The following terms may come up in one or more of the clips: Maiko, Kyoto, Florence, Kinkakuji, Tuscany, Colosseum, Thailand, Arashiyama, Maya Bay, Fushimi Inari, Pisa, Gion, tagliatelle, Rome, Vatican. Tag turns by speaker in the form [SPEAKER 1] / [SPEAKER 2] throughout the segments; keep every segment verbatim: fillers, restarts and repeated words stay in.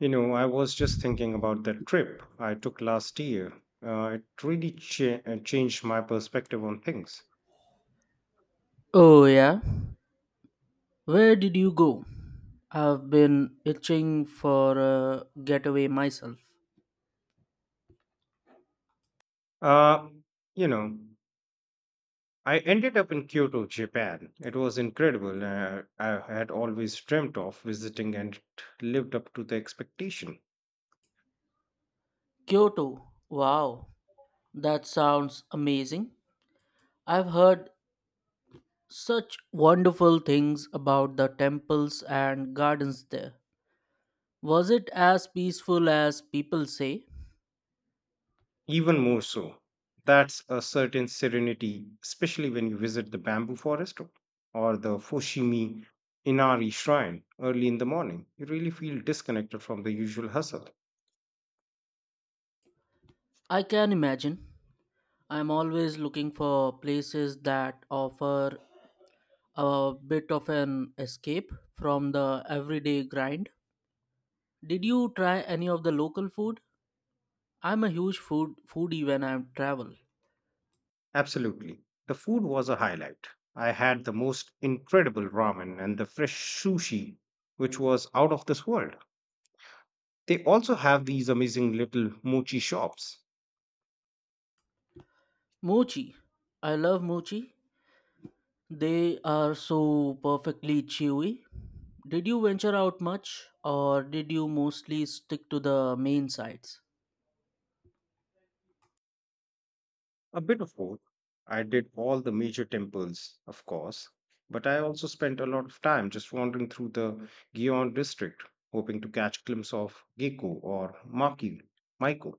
[SPEAKER 1] You know, I was just thinking about that trip I took last year. Uh, it really cha- uh, changed my perspective on things.
[SPEAKER 2] Oh, yeah. Where did you go? I've been itching for a getaway myself.
[SPEAKER 1] Uh, you know, I ended up in Kyoto, Japan. It was incredible. Uh, I had always dreamt of visiting and it lived up to the expectation.
[SPEAKER 2] Kyoto. Wow. That sounds amazing. I've heard such wonderful things about the temples and gardens there. Was it as peaceful as people say?
[SPEAKER 1] Even more so. That's a certain serenity, especially when you visit the bamboo forest or the Fushimi Inari shrine early in the morning. You really feel disconnected from the usual hustle.
[SPEAKER 2] I can imagine. I'm always looking for places that offer a bit of an escape from the everyday grind. Did you try any of the local food? I'm a huge food foodie when I travel.
[SPEAKER 1] Absolutely. The food was a highlight. I had the most incredible ramen and the fresh sushi, which was out of this world. They also have these amazing little mochi shops.
[SPEAKER 2] Mochi. I love mochi. They are so perfectly chewy. Did you venture out much or did you mostly stick to the main sites?
[SPEAKER 1] A bit of both. I did all the major temples, of course, but I also spent a lot of time just wandering through the Gion district, hoping to catch glimpse of Gecko or Maki, Maiko.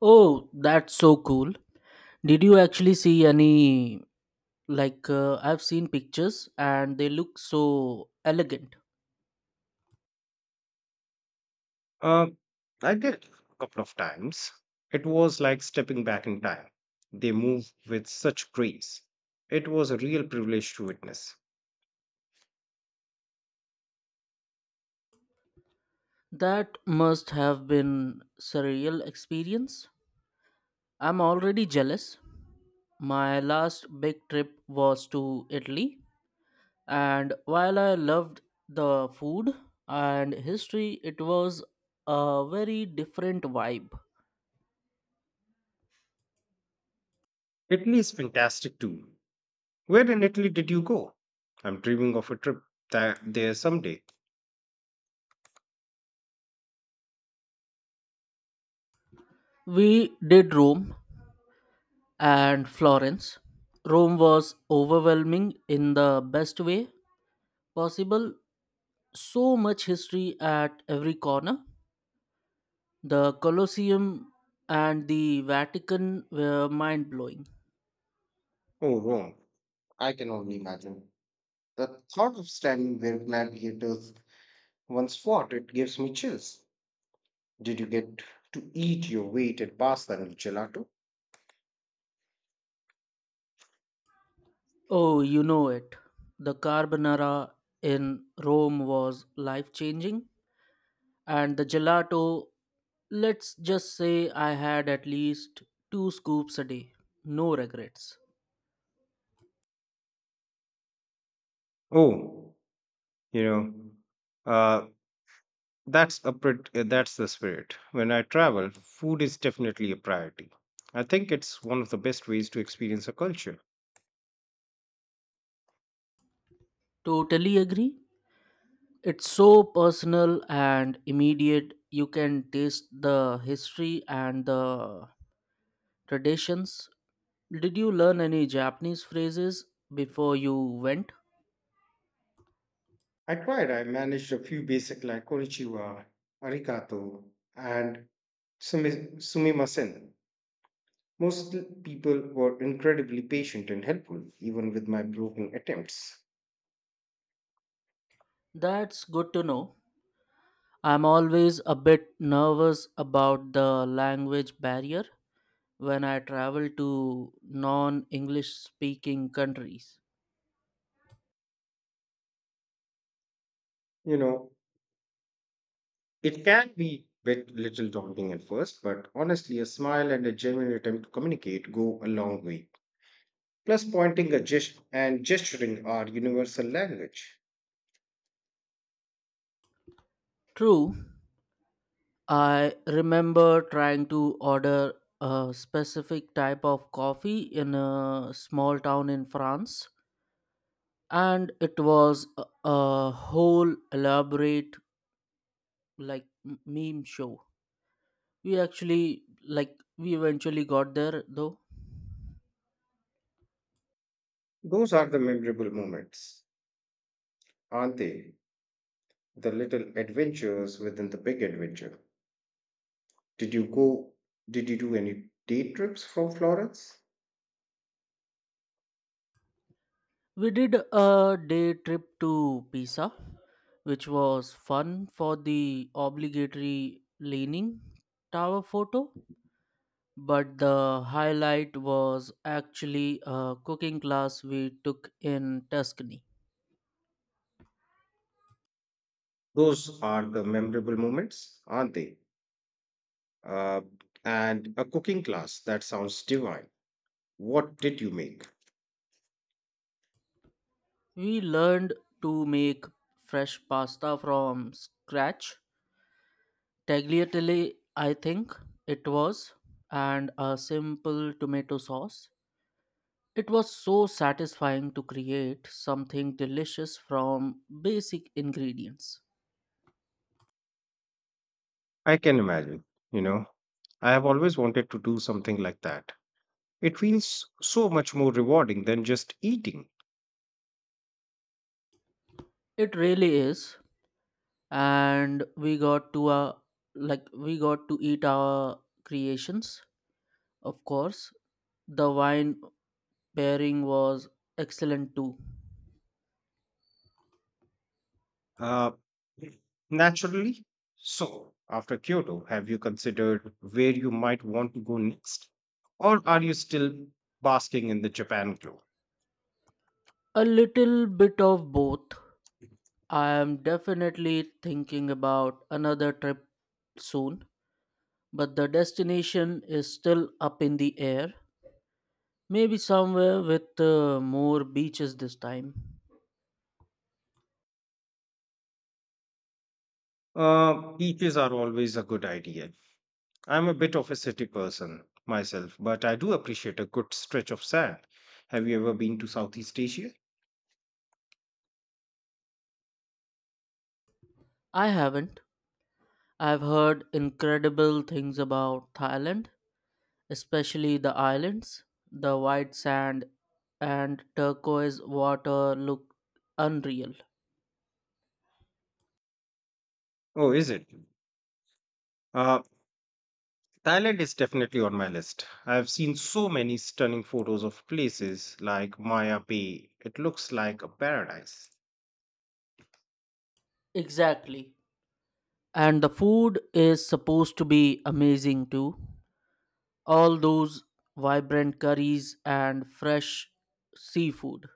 [SPEAKER 2] Oh, that's so cool. Did you actually see any like uh, I've seen pictures and they look so elegant.
[SPEAKER 1] Uh, I did a couple of times. It was like stepping back in time. They move with such grace. It was a real privilege to witness.
[SPEAKER 2] That must have been surreal experience. I'm already jealous. My last big trip was to Italy, and while I loved the food and history, it was a very different vibe.
[SPEAKER 1] Italy is fantastic too. Where in Italy did you go? I'm dreaming of a trip tha- there someday.
[SPEAKER 2] We did Rome and Florence. Rome was overwhelming in the best way possible. So much history at every corner. The Colosseum and the Vatican were mind blowing.
[SPEAKER 1] Oh, Rome. I can only imagine. The thought of standing where gladiators once fought, it gives me chills. Did you get to eat your weight in pasta and gelato?
[SPEAKER 2] Oh, you know it. The carbonara in Rome was life changing, and the gelato, let's just say I had at least two scoops a day. No regrets.
[SPEAKER 1] Oh, you know, uh, that's a pret- uh, that's the spirit. When I travel, food is definitely a priority. I think it's one of the best ways to experience a culture.
[SPEAKER 2] Totally agree. It's so personal and immediate. You can taste the history and the traditions. Did you learn any Japanese phrases before you went?
[SPEAKER 1] I tried, I managed a few basic like konnichiwa, arigato, and sumi- sumimasen. Most people were incredibly patient and helpful, even with my broken attempts.
[SPEAKER 2] That's good to know. I'm always a bit nervous about the language barrier when I travel to non English speaking countries.
[SPEAKER 1] You know, it can be a bit little daunting at first, but honestly, a smile and a genuine attempt to communicate go a long way. Plus, pointing a gest- and gesturing are universal language.
[SPEAKER 2] True, I remember trying to order a specific type of coffee in a small town in France, and it was a, a whole elaborate like m- meme show. We actually like we eventually got there though.
[SPEAKER 1] Those are the memorable moments, aren't they? The little adventures within the big adventure. Did you go? Did you do any day trips from Florence?
[SPEAKER 2] We did a day trip to Pisa, which was fun for the obligatory leaning tower photo. But the highlight was actually a cooking class we took in Tuscany.
[SPEAKER 1] Those are the memorable moments, aren't they? Uh, and a cooking class that sounds divine. What did you make?
[SPEAKER 2] We learned to make fresh pasta from scratch, tagliatelle, I think it was, and a simple tomato sauce. It was so satisfying to create something delicious from basic ingredients.
[SPEAKER 1] I can imagine. You know, I have always wanted to do something like that. It feels so much more rewarding than just eating.
[SPEAKER 2] It really is. And we got to uh, like we got to eat our creations, of course. The wine pairing was excellent too.
[SPEAKER 1] Uh, Naturally. So, after Kyoto, have you considered where you might want to go next? Or are you still basking in the Japan glow?
[SPEAKER 2] A little bit of both. I am definitely thinking about another trip soon, but the destination is still up in the air. Maybe somewhere with uh, more beaches this time.
[SPEAKER 1] Uh, beaches are always a good idea. I'm a bit of a city person myself, but I do appreciate a good stretch of sand. Have you ever been to Southeast Asia?
[SPEAKER 2] I haven't. I've heard incredible things about Thailand, especially the islands. The white sand and turquoise water look unreal.
[SPEAKER 1] Oh, is it? Uh, Thailand is definitely on my list. I've seen so many stunning photos of places like Maya Bay. It looks like a paradise.
[SPEAKER 2] Exactly. And the food is supposed to be amazing too. All those vibrant curries and fresh seafood.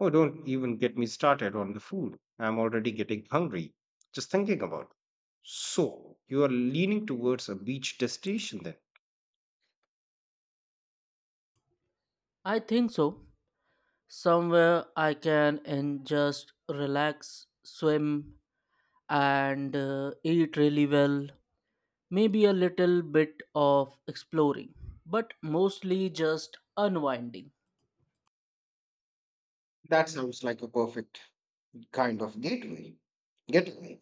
[SPEAKER 1] Oh, don't even get me started on the food. I'm already getting hungry. Just thinking about. It. So, you are leaning towards a beach destination then?
[SPEAKER 2] I think so. Somewhere I can and just relax, swim, and uh, eat really well. Maybe a little bit of exploring, but mostly just unwinding.
[SPEAKER 1] That sounds like a perfect kind of gateway. Getaway.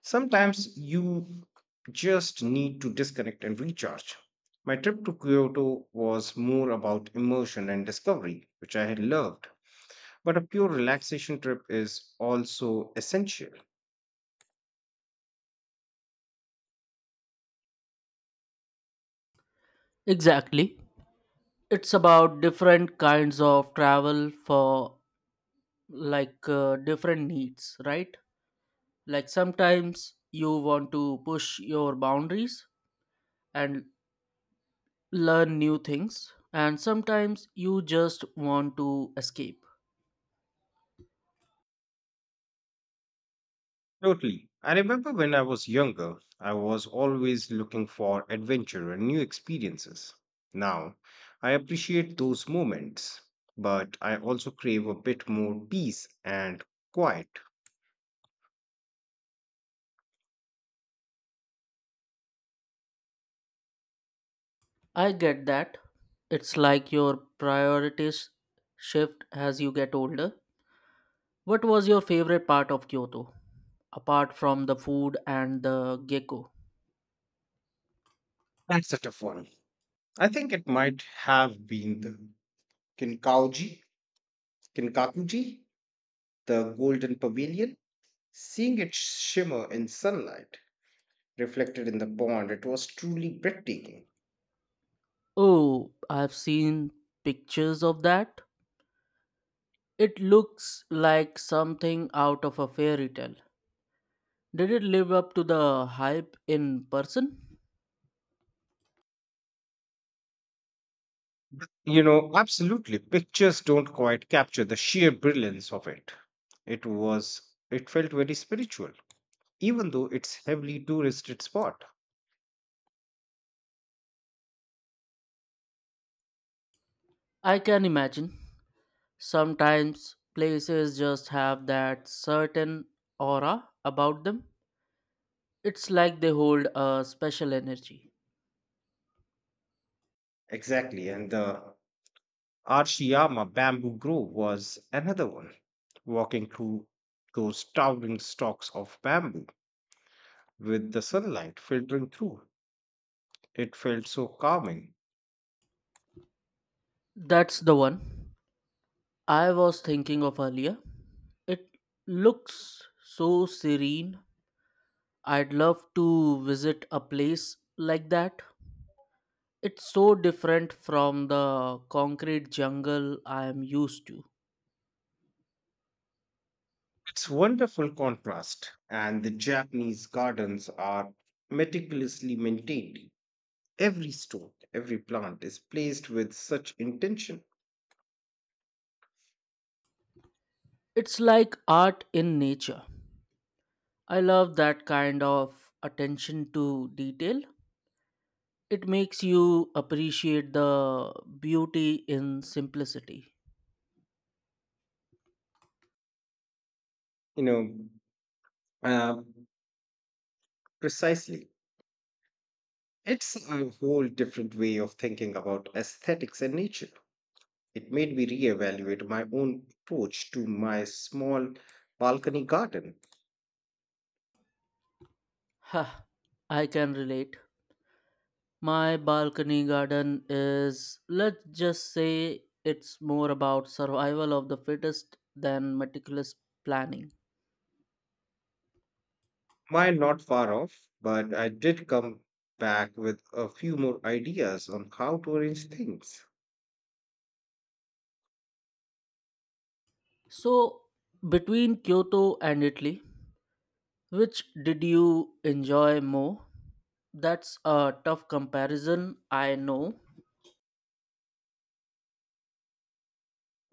[SPEAKER 1] Sometimes you just need to disconnect and recharge. My trip to Kyoto was more about immersion and discovery, which I had loved. But a pure relaxation trip is also essential.
[SPEAKER 2] Exactly. It's about different kinds of travel for like uh, different needs, right? Like sometimes you want to push your boundaries and learn new things, and sometimes you just want to escape.
[SPEAKER 1] Totally. I remember when I was younger, I was always looking for adventure and new experiences. Now, I appreciate those moments, but I also crave a bit more peace and quiet.
[SPEAKER 2] I get that. It's like your priorities shift as you get older. What was your favorite part of Kyoto, apart from the food and the gecko?
[SPEAKER 1] That's such a fun. I think it might have been the Kinkauji, Kinkakuji, the Golden Pavilion. Seeing it shimmer in sunlight, reflected in the pond, it was truly breathtaking.
[SPEAKER 2] Oh, I've seen pictures of that. It looks like something out of a fairy tale. Did it live up to the hype in person?
[SPEAKER 1] You know, absolutely. Pictures don't quite capture the sheer brilliance of it. It was, it felt very spiritual, even though it's heavily touristed spot.
[SPEAKER 2] I can imagine. Sometimes places just have that certain aura about them. It's like they hold a special energy.
[SPEAKER 1] Exactly. And the Archiyama bamboo grove was another one. Walking through those towering stalks of bamboo with the sunlight filtering through, it felt so calming.
[SPEAKER 2] That's the one I was thinking of earlier. It looks so serene. I'd love to visit a place like that. It's so different from the concrete jungle I am used to.
[SPEAKER 1] It's wonderful contrast, and the Japanese gardens are meticulously maintained. Every stone, every plant is placed with such intention.
[SPEAKER 2] It's like art in nature. I love that kind of attention to detail. It makes you appreciate the beauty in simplicity.
[SPEAKER 1] You know, um, Precisely. It's a whole different way of thinking about aesthetics and nature. It made me reevaluate my own approach to my small balcony garden.
[SPEAKER 2] Huh, I can relate. My balcony garden is, let's just say, it's more about survival of the fittest than meticulous planning.
[SPEAKER 1] Mine not far off, but I did come back with a few more ideas on how to arrange things.
[SPEAKER 2] So, between Kyoto and Italy, which did you enjoy more? That's a tough comparison, I know.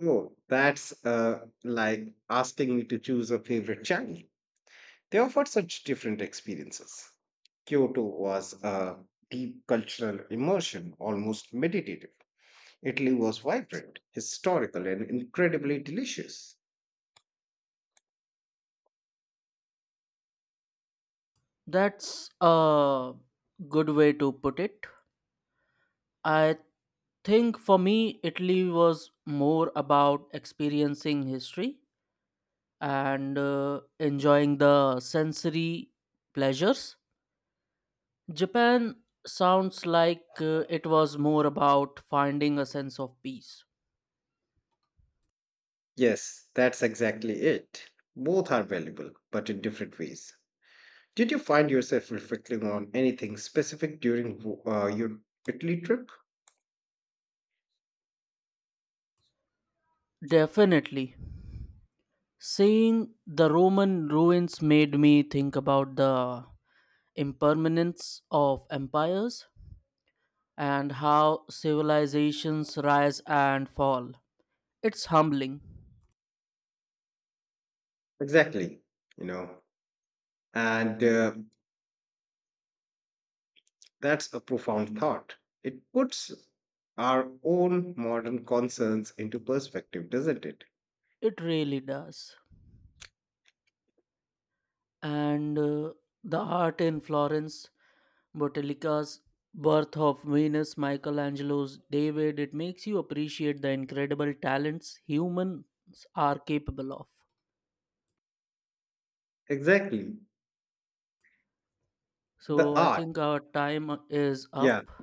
[SPEAKER 1] Oh, that's uh, like asking me to choose a favorite channel. They offered such different experiences. Kyoto was a deep cultural immersion, almost meditative. Italy was vibrant, historical, and incredibly delicious.
[SPEAKER 2] That's a good way to put it. I think for me, Italy was more about experiencing history and uh, enjoying the sensory pleasures. Japan sounds like uh, it was more about finding a sense of peace.
[SPEAKER 1] Yes, that's exactly it. Both are valuable, but in different ways. Did you find yourself reflecting on anything specific during uh, your Italy trip?
[SPEAKER 2] Definitely. Seeing the Roman ruins made me think about the impermanence of empires and how civilizations rise and fall. It's humbling.
[SPEAKER 1] Exactly, you know. And uh, That's a profound thought. It puts our own modern concerns into perspective, doesn't it?
[SPEAKER 2] It really does. And uh, The art in Florence, Bottelica's Birth of Venus, Michelangelo's David, it makes you appreciate the incredible talents humans are capable of.
[SPEAKER 1] Exactly.
[SPEAKER 2] So
[SPEAKER 1] The
[SPEAKER 2] I
[SPEAKER 1] art,
[SPEAKER 2] think our time is
[SPEAKER 1] yeah,
[SPEAKER 2] up.